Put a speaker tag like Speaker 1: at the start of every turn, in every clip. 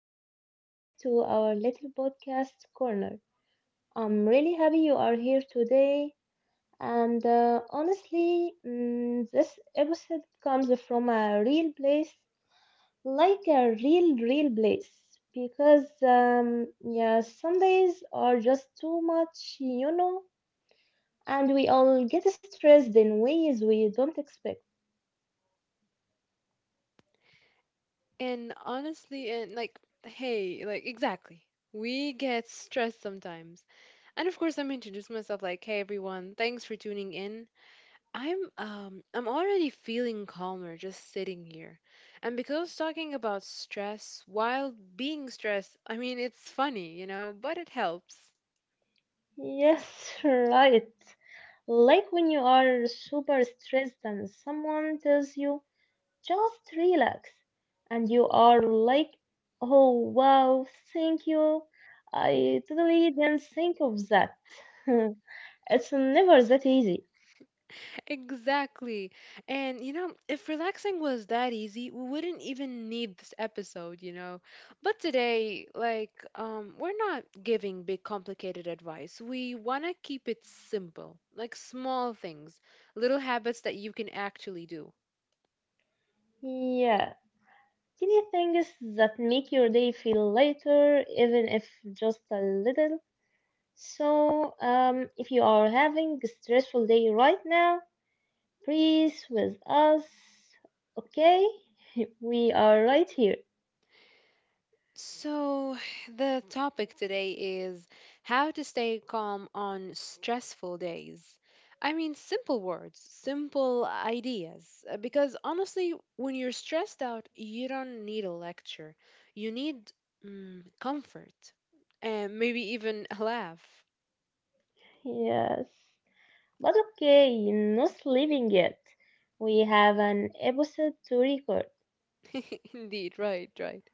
Speaker 1: welcome back to our little podcast corner. I'm really happy you are here today, and honestly, this episode comes from a real place, like a real, real place, because yeah, some days are just too much, you know, and we all get stressed in ways we don't expect.
Speaker 2: And honestly, and like, hey, like, exactly. We get stressed sometimes. And of course, I'm introducing myself like, hey everyone, thanks for tuning in. I'm already feeling calmer just sitting here. And because talking about stress while being stressed, I mean, it's funny, but it helps.
Speaker 1: Yes, right. Like when you are super stressed and someone tells you, just relax. And you are like, oh wow, thank you. I totally didn't think of that. It's never that easy.
Speaker 2: Exactly. And you know, if relaxing was that easy, we wouldn't even need this episode. But today, we're not giving big complicated advice. We want to keep it simple, like small things, little habits that you can actually do.
Speaker 1: Yeah, tiny things that make your day feel lighter, even if just a little. So, if you are having a stressful day right now, breathe with us, okay? We are right here.
Speaker 2: So, the topic today is how to stay calm on stressful days. I mean, simple words, simple ideas. Because honestly, when you're stressed out, you don't need a lecture. You need comfort and maybe even a laugh.
Speaker 1: Yes. But okay, not leaving yet. We have an episode to record.
Speaker 2: Indeed, right, right.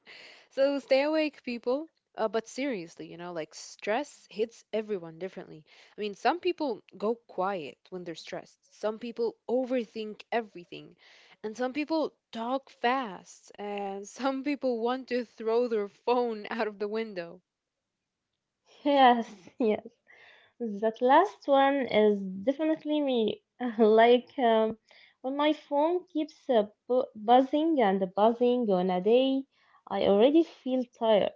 Speaker 2: So stay awake, people. But seriously, you know, like stress hits everyone differently. I mean, some people go quiet when they're stressed, some people overthink everything, and some people talk fast, and some people want to throw their phone out of the window.
Speaker 1: Yes, yes. That last one is definitely me. Like when my phone keeps buzzing and buzzing on a day, I already feel tired.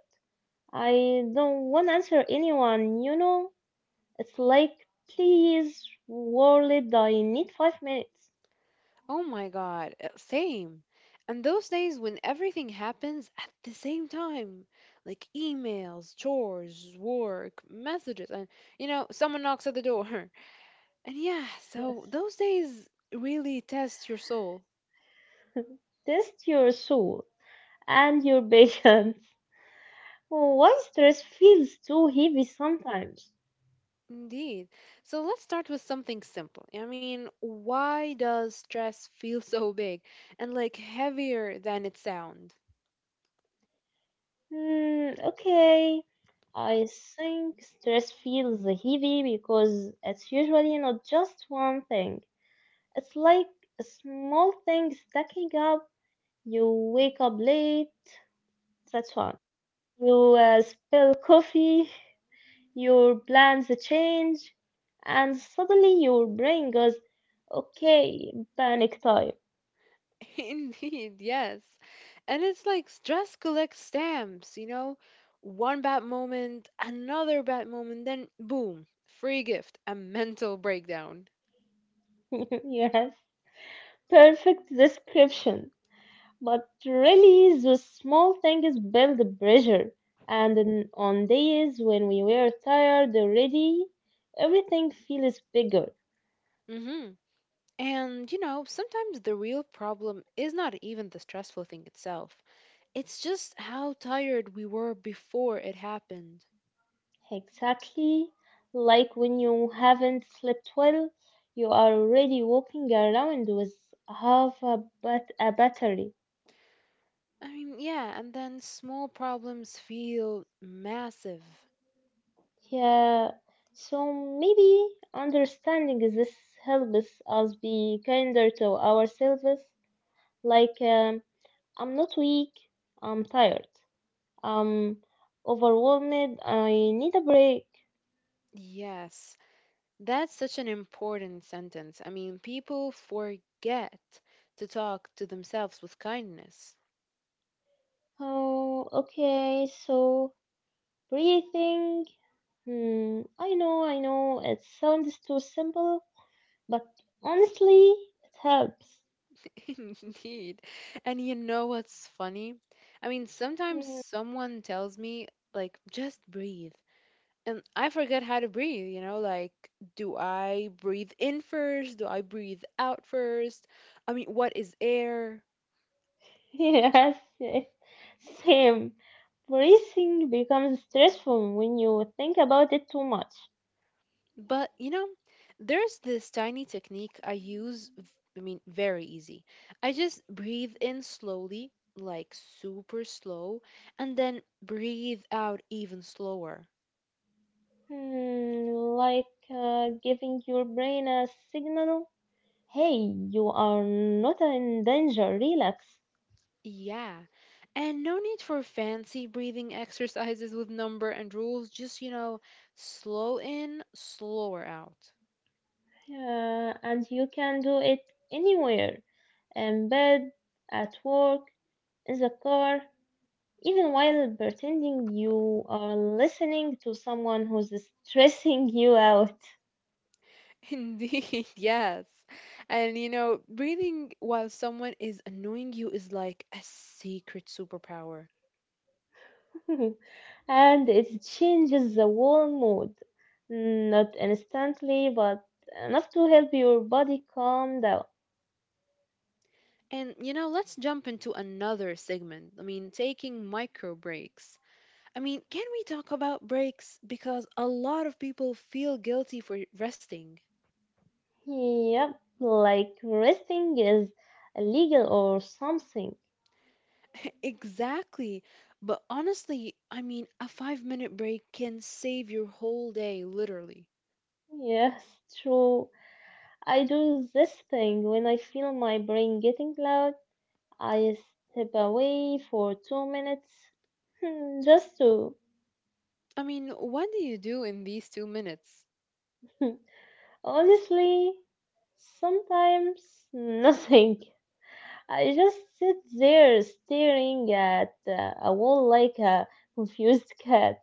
Speaker 1: I don't want to answer anyone, you know? It's like, please, world, I need 5 minutes.
Speaker 2: Oh my god, same. And those days when everything happens at the same time, like emails, chores, work, messages, and you know, someone knocks at the door. And yeah, so those days really test your soul.
Speaker 1: Test your soul and your patience. Why stress feels too heavy sometimes?
Speaker 2: Indeed. So let's start with something simple. I mean, why does stress feel so big and like heavier than it sounds?
Speaker 1: Okay. I think stress feels heavy because it's usually not just one thing. It's like a small thing stacking up. You wake up late, that's one. You spill coffee, your plans change, and suddenly your brain goes, okay, panic time.
Speaker 2: Indeed, yes. And it's like stress collects stamps, you know? One bad moment, another bad moment, then boom, free gift, a mental breakdown.
Speaker 1: Yes, perfect description. But really, the small things build the pressure. And on days when we were tired already, everything feels bigger.
Speaker 2: Mm-hmm. And you know, sometimes the real problem is not even the stressful thing itself. It's just how tired we were before it happened.
Speaker 1: Exactly like when you haven't slept well, you are already walking around with half a battery.
Speaker 2: I mean, yeah, and then small problems feel massive.
Speaker 1: Yeah, so maybe understanding this helps us be kinder to ourselves. Like, I'm not weak, I'm tired, I'm overwhelmed, I need a break.
Speaker 2: Yes, that's such an important sentence. I mean, people forget to talk to themselves with kindness.
Speaker 1: Oh, okay, so breathing. I know, it sounds too simple, but honestly, it helps.
Speaker 2: Indeed. And you know what's funny? I mean, sometimes
Speaker 1: Hmm,
Speaker 2: someone tells me, like, just breathe. And I forget how to breathe, you know, like do I breathe in first? Do I breathe out first? I mean, what is air?
Speaker 1: yes, yes, same. Breathing becomes stressful when you think about it too much.
Speaker 2: But, you know, there's this tiny technique I use, I mean, very easy. I just breathe in slowly, like super slow, and then breathe out even slower.
Speaker 1: Hmm, like giving your brain a signal. Hey, you are not in danger, relax.
Speaker 2: Yeah. And no need for fancy breathing exercises with number and rules, just, you know, slow in, slower out.
Speaker 1: And you can do it anywhere, in bed, at work, in the car, even while pretending you are listening to someone who's stressing you out.
Speaker 2: Indeed, yes. And you know, breathing while someone is annoying you is like a secret superpower.
Speaker 1: And it changes the whole mood. Not instantly, but enough to help your body calm down.
Speaker 2: And you know, let's jump into another segment. I mean, taking micro breaks. I mean, can we talk about breaks? Because a lot of people feel guilty for resting.
Speaker 1: Yep, like resting is illegal or something.
Speaker 2: Exactly. But honestly, I mean, a 5-minute break can save your whole day, literally.
Speaker 1: Yes, true. I do this thing when I feel my brain getting loud, I step away for 2 minutes just to.
Speaker 2: I mean, what do you do in these 2 minutes?
Speaker 1: Honestly, sometimes nothing. I just sit there staring at a wall like a confused cat.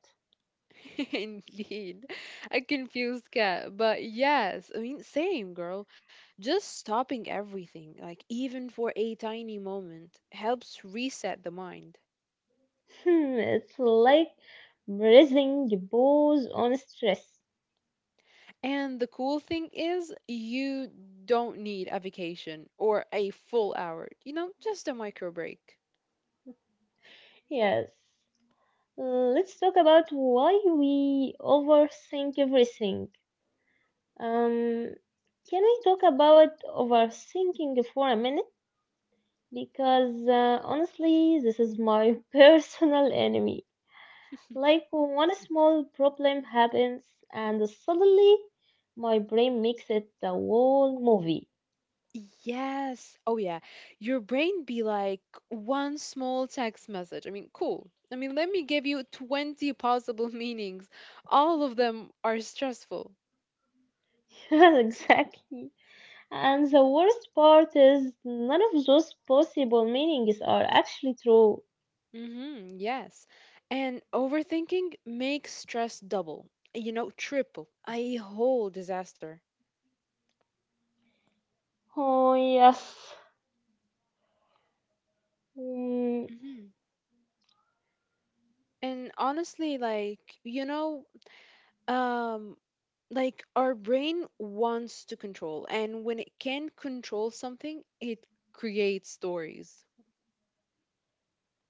Speaker 2: Indeed. A confused cat. But yes, I mean, same girl. Just stopping everything, like even for a tiny moment, helps reset the mind.
Speaker 1: It's like breathing pause on stress.
Speaker 2: And the cool thing is, you don't need a vacation or a full hour, you know, just a micro break.
Speaker 1: Yes. Mm, let's talk about why we overthink everything. Um, can we talk about overthinking for a minute? Because honestly, this is my personal enemy. Like, one small problem happens, and suddenly my brain makes it the whole movie.
Speaker 2: Yes. Oh, yeah. Your brain be like one small text message. I mean, cool. I mean, let me give you 20 possible meanings. All of them are stressful.
Speaker 1: Exactly. And the worst part is, none of those possible meanings are actually true.
Speaker 2: Mm-hmm. Yes. And overthinking makes stress double, you know, triple, a whole disaster.
Speaker 1: Oh, yes. Mm,
Speaker 2: Mm-hmm. And honestly, um, like our brain wants to control, and when it can control something, it creates stories.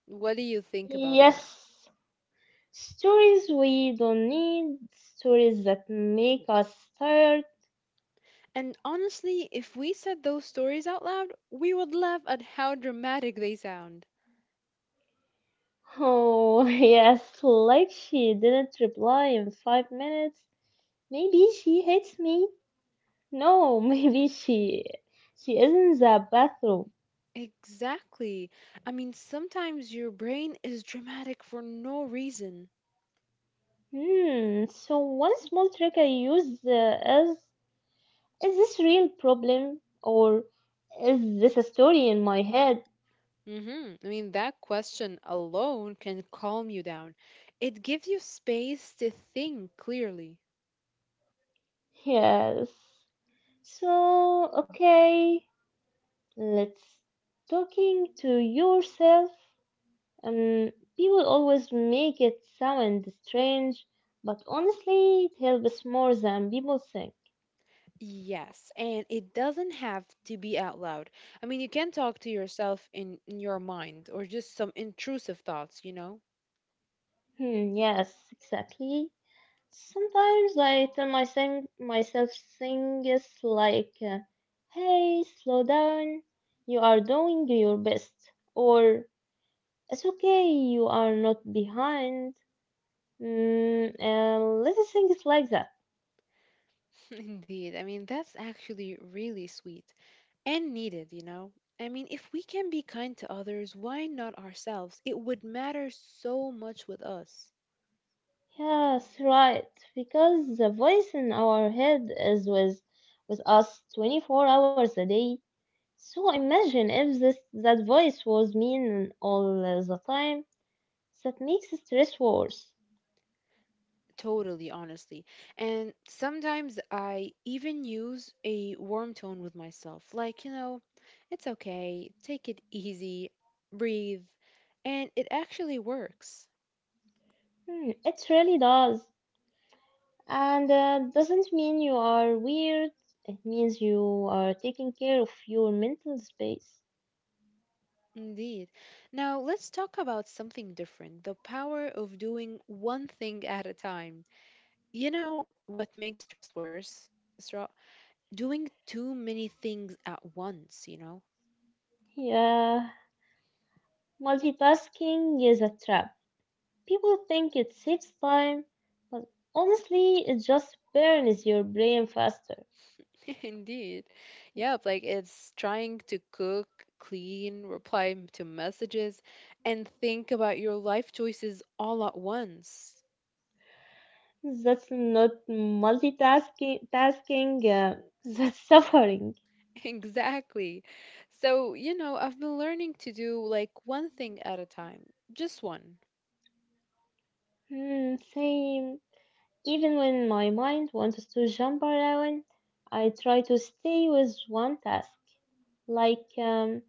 Speaker 2: What do you think about that?
Speaker 1: yes, stories we don't need, stories that make us tired.
Speaker 2: And honestly, if we said those stories out loud, we would laugh at how dramatic they sound.
Speaker 1: Oh, yes, like she didn't reply in 5 minutes. Maybe she hates me. No, maybe she is in the bathroom.
Speaker 2: Exactly. I mean, sometimes your brain is dramatic for no reason.
Speaker 1: Hmm. So one small trick I use is this real problem or is this a story in my head?
Speaker 2: Mhm. I mean, that question alone can calm you down. It gives you space to think clearly.
Speaker 1: Yes. So, okay, let's talking to yourself. Um, people always make it sound strange, but honestly, it helps more than people think.
Speaker 2: Yes, and it doesn't have to be out loud. I mean, you can talk to yourself in your mind or just some intrusive thoughts, you know?
Speaker 1: Hmm, yes, exactly. Sometimes I tell myself things like, "Hey, slow down. You are doing your best," or "It's okay. You are not behind." Little things like that.
Speaker 2: Indeed. I mean, that's actually really sweet and needed, you know? I mean, if we can be kind to others, why not ourselves? It would matter so much with us.
Speaker 1: Yes, right. Because the voice in our head is with us 24 hours a day. So imagine if this that voice was mean all the time. That makes stress worse.
Speaker 2: Totally, honestly. And sometimes I even use a warm tone with myself. Like, you know, it's okay, take it easy, breathe. And it actually works.
Speaker 1: Hmm, it really does. And doesn't mean you are weird. It means you are taking care of your mental space.
Speaker 2: Indeed. Now, let's talk about something different the power of doing one thing at a time. You know what makes stress worse, Isra? Doing too many things at once, you know?
Speaker 1: Yeah, multitasking is a trap. People think it saves time, but honestly, it just burns your brain faster.
Speaker 2: Indeed. Yep, like it's trying to cook, clean, reply to messages, and think about your life choices all at once.
Speaker 1: That's not multitasking, that's suffering.
Speaker 2: Exactly. So, you know, I've been learning to do like one thing at a time, just one.
Speaker 1: Hmm, same. Even when my mind wants to jump around, I try to stay with one task. Like,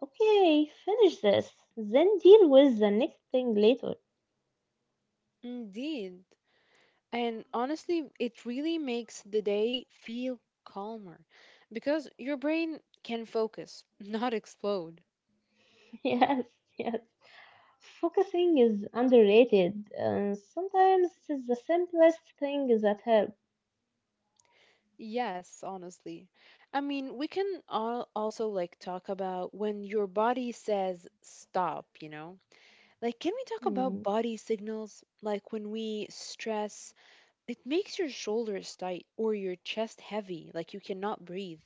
Speaker 1: okay, finish this, then deal with the next thing later.
Speaker 2: Indeed. And honestly, it really makes the day feel calmer because your brain can focus, not explode.
Speaker 1: Yes, yes. Focusing is underrated, and sometimes it is the simplest thing that helps.
Speaker 2: Yes, honestly. I mean, we can all also like talk about when your body says stop, you know? Like, can we talk
Speaker 1: Hmm,
Speaker 2: about body signals? Like when we stress, it makes your shoulders tight or your chest heavy, like you cannot breathe.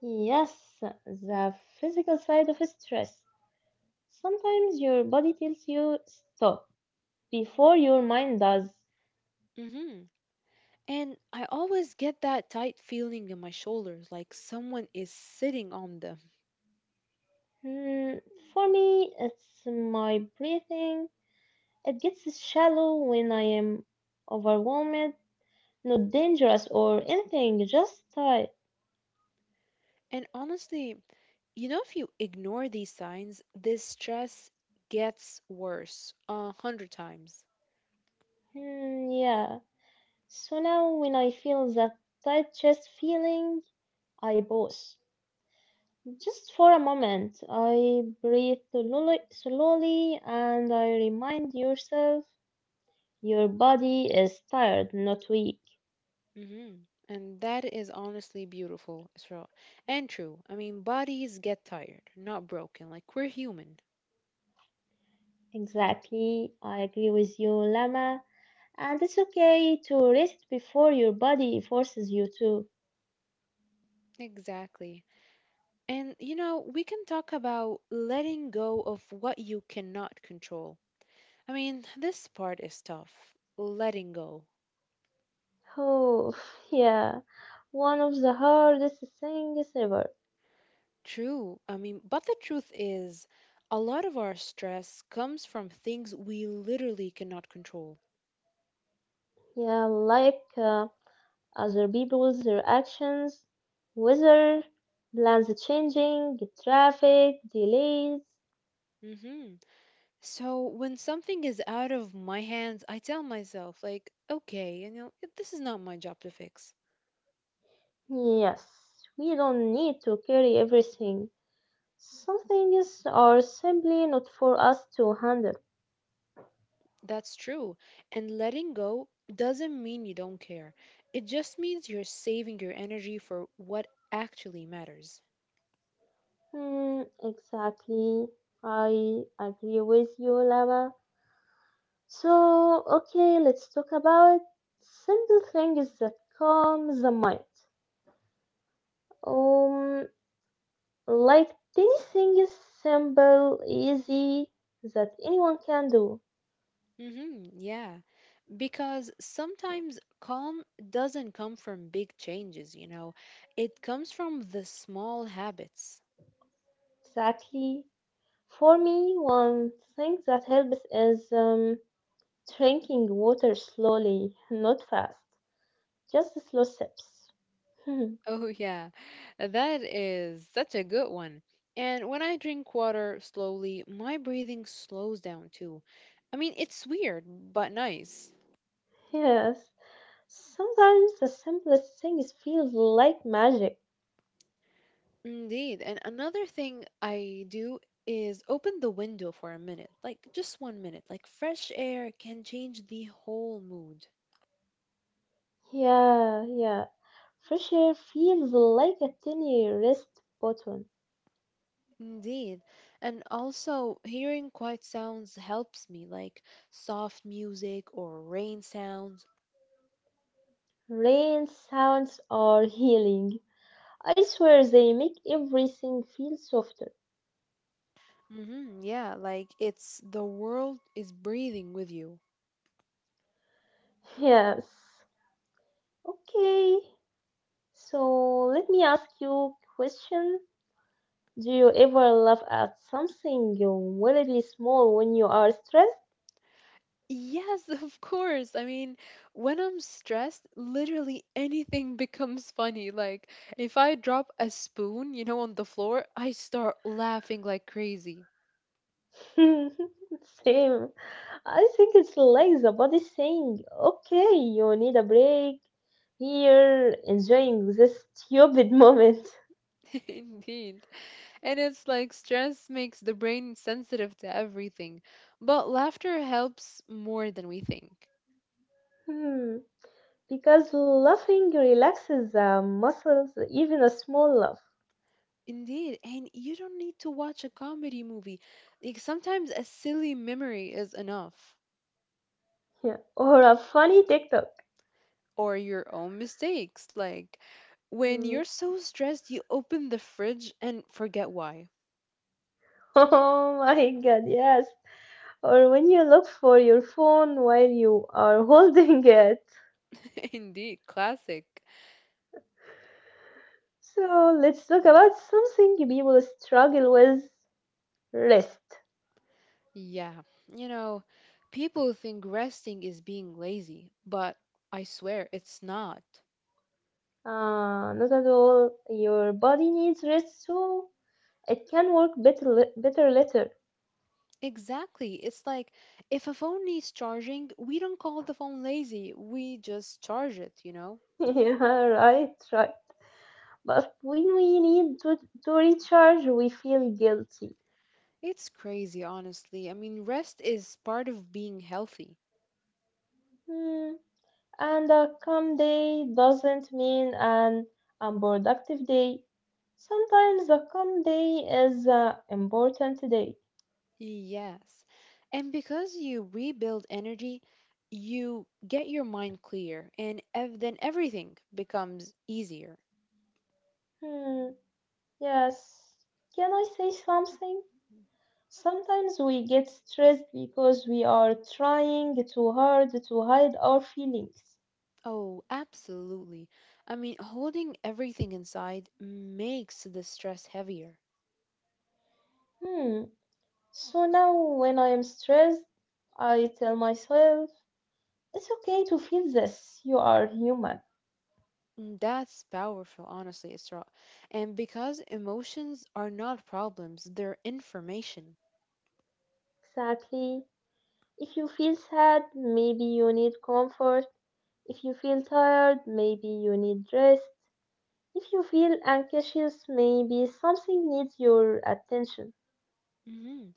Speaker 1: yes, the physical side of stress. Sometimes your body tells you stop before your mind does.
Speaker 2: Mm hmm. And I always get that tight feeling in my shoulders, like someone is sitting on them.
Speaker 1: Hmm, for me, it's my breathing. It gets shallow when I am overwhelmed, not dangerous or anything, just tight.
Speaker 2: And honestly, you know, if you ignore these signs, this stress gets worse 100 times.
Speaker 1: Hmm, yeah. So now when I feel that tight chest feeling, I pause just for a moment. I breathe slowly, slowly and I remind yourself your body is tired, not weak.
Speaker 2: Hmm. And that is honestly beautiful, Israel. And true. I mean, bodies get tired, not broken. Like, we're human.
Speaker 1: Exactly. I agree with you, Lama. And it's okay to rest before your body forces you to.
Speaker 2: Exactly. And, you know, we can talk about letting go of what you cannot control. I mean, this part is tough. Letting go.
Speaker 1: Oh, yeah. One of the hardest things ever.
Speaker 2: True. I mean, but the truth is, a lot of our stress comes from things we literally cannot control.
Speaker 1: Yeah, like other people's reactions, weather, plans changing, traffic, delays.
Speaker 2: Hmm. So when something is out of my hands, I tell myself, like, okay, you know, this is not my job to fix.
Speaker 1: Yes, we don't need to carry everything. Some things are simply not for us to handle.
Speaker 2: That's true. And letting go doesn't mean you don't care. It just means you're saving your energy for what actually matters.
Speaker 1: Hmm, exactly. I agree with you, Lava. So, okay, let's talk about simple things that calm the mind. Um, Like dancing is simple, easy, that anyone can do.
Speaker 2: Hmm. Yeah. Because sometimes calm doesn't come from big changes, you know, it comes from the small habits.
Speaker 1: Exactly. For me, one thing that helps is drinking water slowly, not fast. Just slow sips. Hmm,
Speaker 2: Oh, yeah, that is such a good one. And when I drink water slowly, my breathing slows down too. I mean, it's weird, but nice.
Speaker 1: yes. Sometimes the simplest things feels like magic.
Speaker 2: Indeed. And another thing I do is open the window for a minute, like just 1 minute. Like fresh air can change the whole mood.
Speaker 1: Yeah, yeah. Fresh air feels like a tiny rest button.
Speaker 2: Indeed. And also, hearing quiet sounds helps me, like soft music or rain sounds.
Speaker 1: Rain sounds are healing. I swear they make everything feel softer.
Speaker 2: Hmm, yeah, like it's the world is breathing with you.
Speaker 1: Yes. Okay. So let me ask you a question. Do you ever laugh at something weirdly small when you are stressed?
Speaker 2: Yes, of course. I mean, when I'm stressed, literally anything becomes funny. Like, if I drop a spoon, you know, on the floor, I start laughing like crazy.
Speaker 1: Same. I think it's like the body saying, okay, you need a break here, enjoying this stupid moment.
Speaker 2: Indeed. And it's like stress makes the brain sensitive to everything, but laughter helps more than we think.
Speaker 1: Hmm. Because laughing relaxes the muscles, even a small laugh.
Speaker 2: Indeed, and you don't need to watch a comedy movie. Like sometimes a silly memory is enough,
Speaker 1: Yeah. Or a funny TikTok.
Speaker 2: or your own mistakes. Like when you're
Speaker 1: Mm.
Speaker 2: so stressed, you open the fridge and forget why.
Speaker 1: Oh my god, yes. Or when you look for your phone while you are holding it.
Speaker 2: Indeed, classic.
Speaker 1: So let's talk about something people struggle with, rest.
Speaker 2: Yeah, you know, people think resting is being lazy, but I swear it's not.
Speaker 1: Not at all. Your body needs rest, so it can work better later.
Speaker 2: Exactly. It's like if a phone needs charging, we don't call the phone lazy, we just charge it, you know?
Speaker 1: Yeah, right, right. But when we need to recharge, we feel guilty.
Speaker 2: It's crazy, honestly. I mean, rest is part of being healthy.
Speaker 1: Hmm. And a calm day doesn't mean an unproductive day. Sometimes a calm day is an important day.
Speaker 2: Yes. And because you rebuild energy, you get your mind clear, and then everything becomes easier.
Speaker 1: Hmm, yes. Can I say something? Sometimes we get stressed because we are trying too hard to hide our feelings.
Speaker 2: Oh, absolutely. I mean, holding everything inside makes the stress heavier.
Speaker 1: Hmm, so now when I am stressed, I tell myself, it's okay to feel this. You are human.
Speaker 2: Mm, that's powerful, honestly, Isra. And because emotions are not problems, they're information.
Speaker 1: Exactly. If you feel sad, maybe you need comfort. If you feel tired, maybe you need rest. If you feel anxious, maybe something needs your attention.
Speaker 2: Hmm.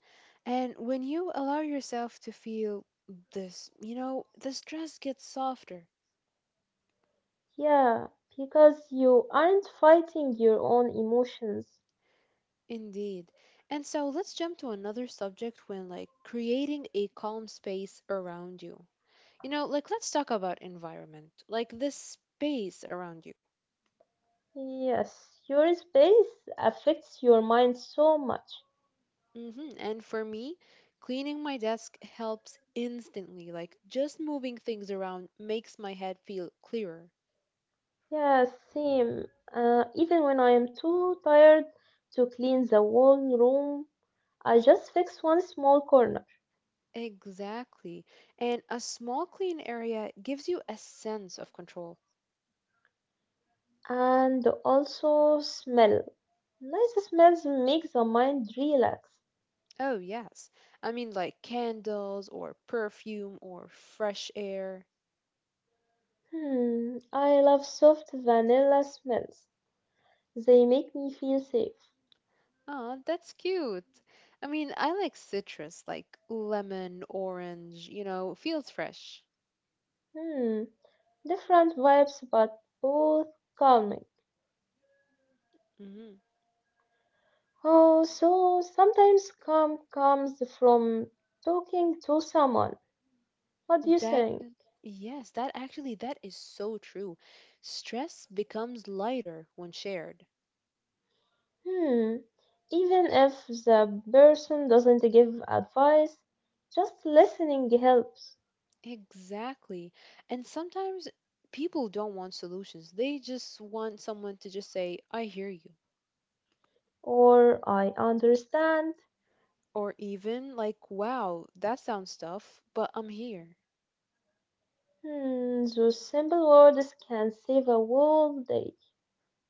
Speaker 2: And when you allow yourself to feel this, you know, the stress gets softer.
Speaker 1: Yeah, because you aren't fighting your own emotions.
Speaker 2: Indeed. And so let's jump to another subject when, like, creating a calm space around you. You know, like, let's talk about environment, like this space around you.
Speaker 1: Yes, your space affects your mind so much.
Speaker 2: Hmm. And for me, cleaning my desk helps instantly. Like just moving things around makes my head feel clearer.
Speaker 1: Yeah, same. Even when I am too tired to clean the whole room, I just fix one small corner.
Speaker 2: Exactly. And a small clean area gives you a sense of control.
Speaker 1: And also smell. Nice smells make the mind relax.
Speaker 2: Oh, yes. I mean, like candles or perfume or fresh air.
Speaker 1: Hmm, I love soft vanilla smells. They make me feel safe.
Speaker 2: Oh, that's cute. I mean, I like citrus, like lemon, orange, you know, feels fresh.
Speaker 1: Hmm, different vibes but both calming.
Speaker 2: Mhm.
Speaker 1: Oh, so sometimes calm comes from talking to someone. What do you
Speaker 2: That,
Speaker 1: think?
Speaker 2: yes, that actually, that is so true. Stress becomes lighter when shared.
Speaker 1: Hmm, even if the person doesn't give advice, just listening helps.
Speaker 2: Exactly. And sometimes people don't want solutions. They just want someone to just say, I hear you.
Speaker 1: Or I understand.
Speaker 2: Or even like, wow, that sounds tough, but I'm here.
Speaker 1: Hmm, those simple words can save a whole day.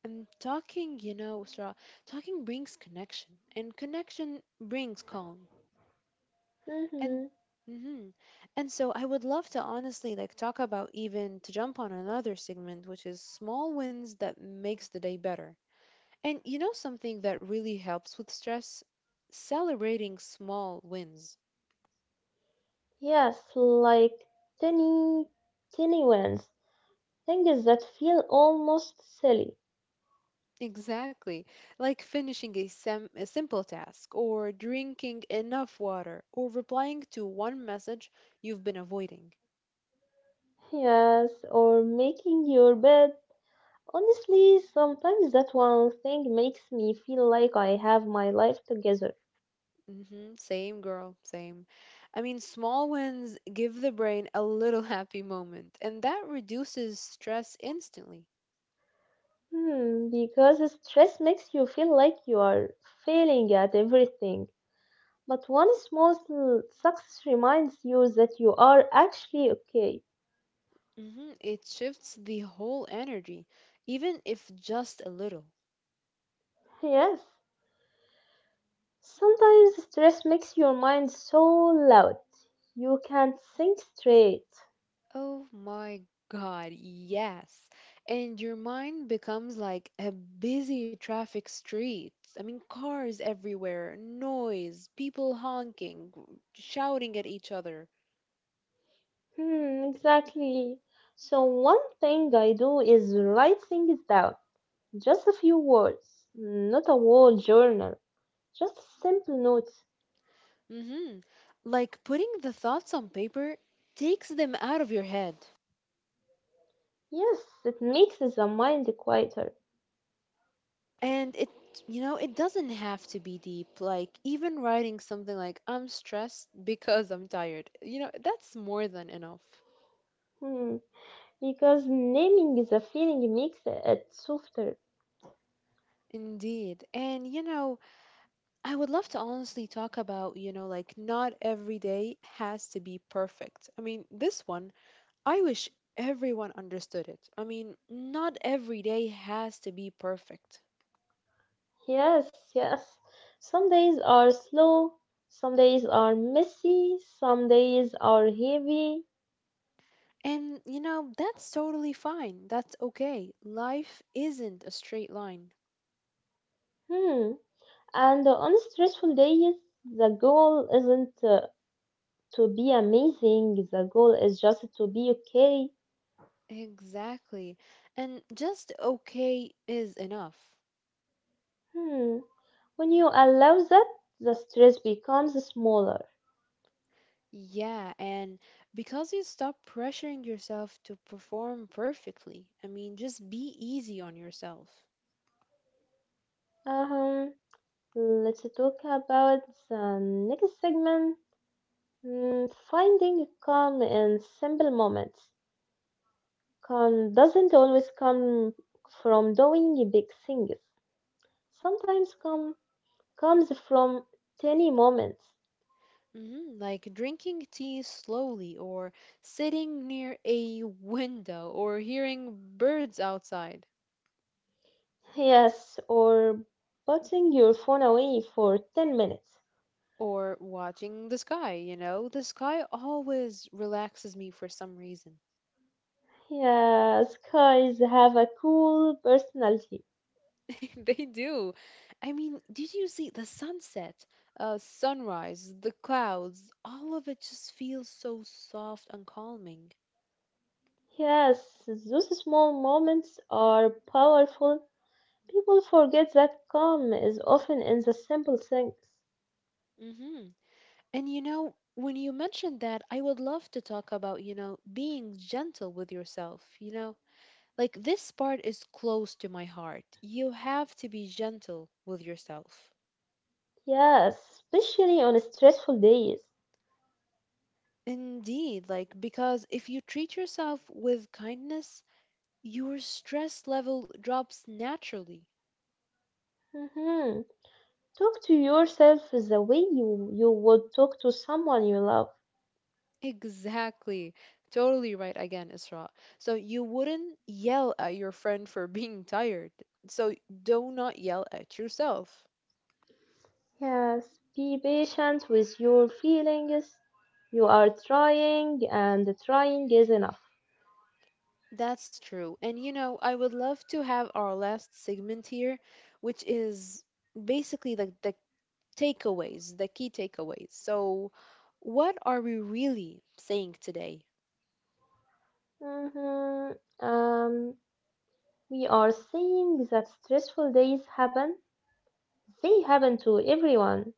Speaker 2: And talking, you know, Sra, talking brings connection, and connection brings calm. And
Speaker 1: Mm-hmm.
Speaker 2: mhm. And so I would love to honestly like talk about even to jump on another segment, which is small wins that makes the day better. And you know something that really helps with stress? Celebrating small wins.
Speaker 1: Yes, like tiny, tiny ones. Things that feel almost silly.
Speaker 2: Exactly. Like finishing a, a simple task, or drinking enough water, or replying to one message you've been avoiding.
Speaker 1: Yes, or making your bed. Honestly, sometimes that one thing makes me feel like I have my life together.
Speaker 2: Mm-hmm. Same girl, same. I mean, small wins give the brain a little happy moment, and that reduces stress instantly.
Speaker 1: Hmm, because stress makes you feel like you are failing at everything. But one small success reminds you that you are actually okay.
Speaker 2: Mm-hmm. It shifts the whole energy, even if just a little.
Speaker 1: Yes, sometimes stress makes your mind so loud you can't think straight.
Speaker 2: Oh my God, yes. And your mind becomes like a busy traffic street. I mean, cars everywhere, noise, people honking, shouting at each other.
Speaker 1: Hmm, exactly. So, one thing I do is write things down. Just a few words, not a whole journal, just a simple notes.
Speaker 2: Hmm. Like putting the thoughts on paper takes them out of your head.
Speaker 1: Yes, it makes the mind quieter.
Speaker 2: And you know, it doesn't have to be deep. Like even writing something like, I'm stressed because I'm tired, that's more than enough.
Speaker 1: Hmm, because naming the feeling makes it softer.
Speaker 2: Indeed. And, you know, I would love to honestly talk about, you know, like not every day has to be perfect. I mean, this one, I wish everyone understood it. I mean, not every day has to be perfect.
Speaker 1: Yes, yes. Some days are slow, some days are messy, some days are heavy.
Speaker 2: And you know, that's totally fine. That's okay. Life isn't a straight line.
Speaker 1: Hmm. And on stressful days, the goal isn't to be amazing, the goal is just to be okay.
Speaker 2: Exactly. And just okay is enough.
Speaker 1: Hmm. When you allow that, the stress becomes smaller.
Speaker 2: Yeah, and because you stop pressuring yourself to perform perfectly, I mean, just be easy on yourself.
Speaker 1: Um, let's talk about the next segment. Hmm, finding calm in simple moments. Calm doesn't always come from doing big things. Sometimes calm comes from tiny moments.
Speaker 2: Hmm. Like drinking tea slowly, or sitting near a window, or hearing birds outside.
Speaker 1: Yes, or putting your phone away for 10 minutes.
Speaker 2: Or watching the sky, you know? The sky always relaxes me for some reason.
Speaker 1: Yes, guys have a cool personality.
Speaker 2: They do. I mean, did you see the sunset, sunrise, the clouds? All of it just feels so soft and calming.
Speaker 1: Yes, those small moments are powerful. People forget that calm is often in the simple things.
Speaker 2: Hmm. And you know, when you mentioned that, I would love to talk about, you know, being gentle with yourself, you know? Like, this part is close to my heart. You have to be gentle with yourself.
Speaker 1: Yes, especially on stressful days.
Speaker 2: Indeed, like because if you treat yourself with kindness, your stress level drops naturally.
Speaker 1: Mhm. Talk to yourself the way you would talk to someone you love.
Speaker 2: Exactly. Totally right again, Isra. So you wouldn't yell at your friend for being tired. So do not yell at yourself.
Speaker 1: Yes, be patient with your feelings. You are trying, and trying is enough.
Speaker 2: That's true. And you know, I would love to have our last segment here, which is basically the takeaways, the key takeaways. So what are we really saying today?
Speaker 1: Hmm, Um, we are saying that stressful days happen. They happen to everyone,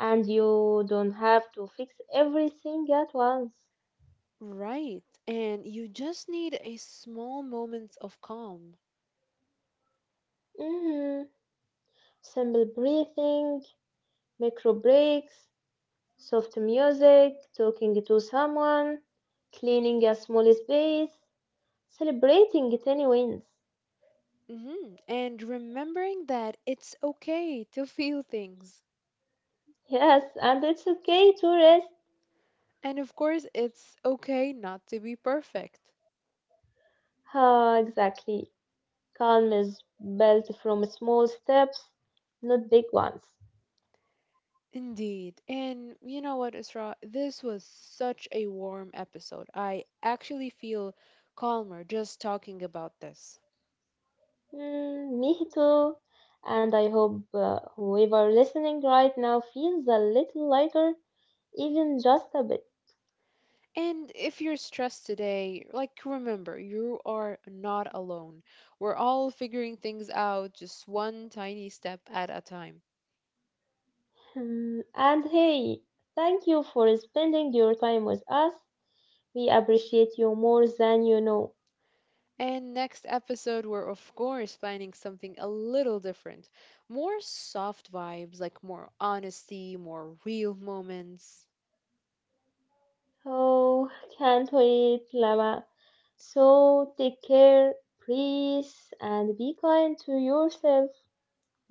Speaker 1: and you don't have to fix everything at once.
Speaker 2: Right. And you just need a small moment of calm.
Speaker 1: Hmm, simple breathing, micro breaks, soft music, talking to someone, cleaning a small space, celebrating tiny wins.
Speaker 2: Hmm. And remembering that it's okay to feel things.
Speaker 1: Yes, and it's okay to rest.
Speaker 2: And of course, it's okay not to be perfect.
Speaker 1: Ah, exactly. Calm is built from small steps, not big ones.
Speaker 2: Indeed. And you know what, Isra? This was such a warm episode. I actually feel calmer just talking about this.
Speaker 1: Mm, me too. And I hope whoever listening right now feels a little lighter, even just a bit.
Speaker 2: And if you're stressed today, like remember, you are not alone. We're all figuring things out just one tiny step at a time.
Speaker 1: Hmm, and hey, thank you for spending your time with us. We appreciate you more than you know.
Speaker 2: And next episode, we're of course planning something a little different. More soft vibes, like more honesty, more real moments.
Speaker 1: Oh, can't wait, Lama. So take care, please, and be kind to yourself.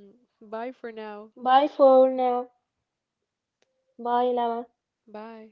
Speaker 2: Mm, bye for now.
Speaker 1: Bye for now. Bye, Lama.
Speaker 2: Bye.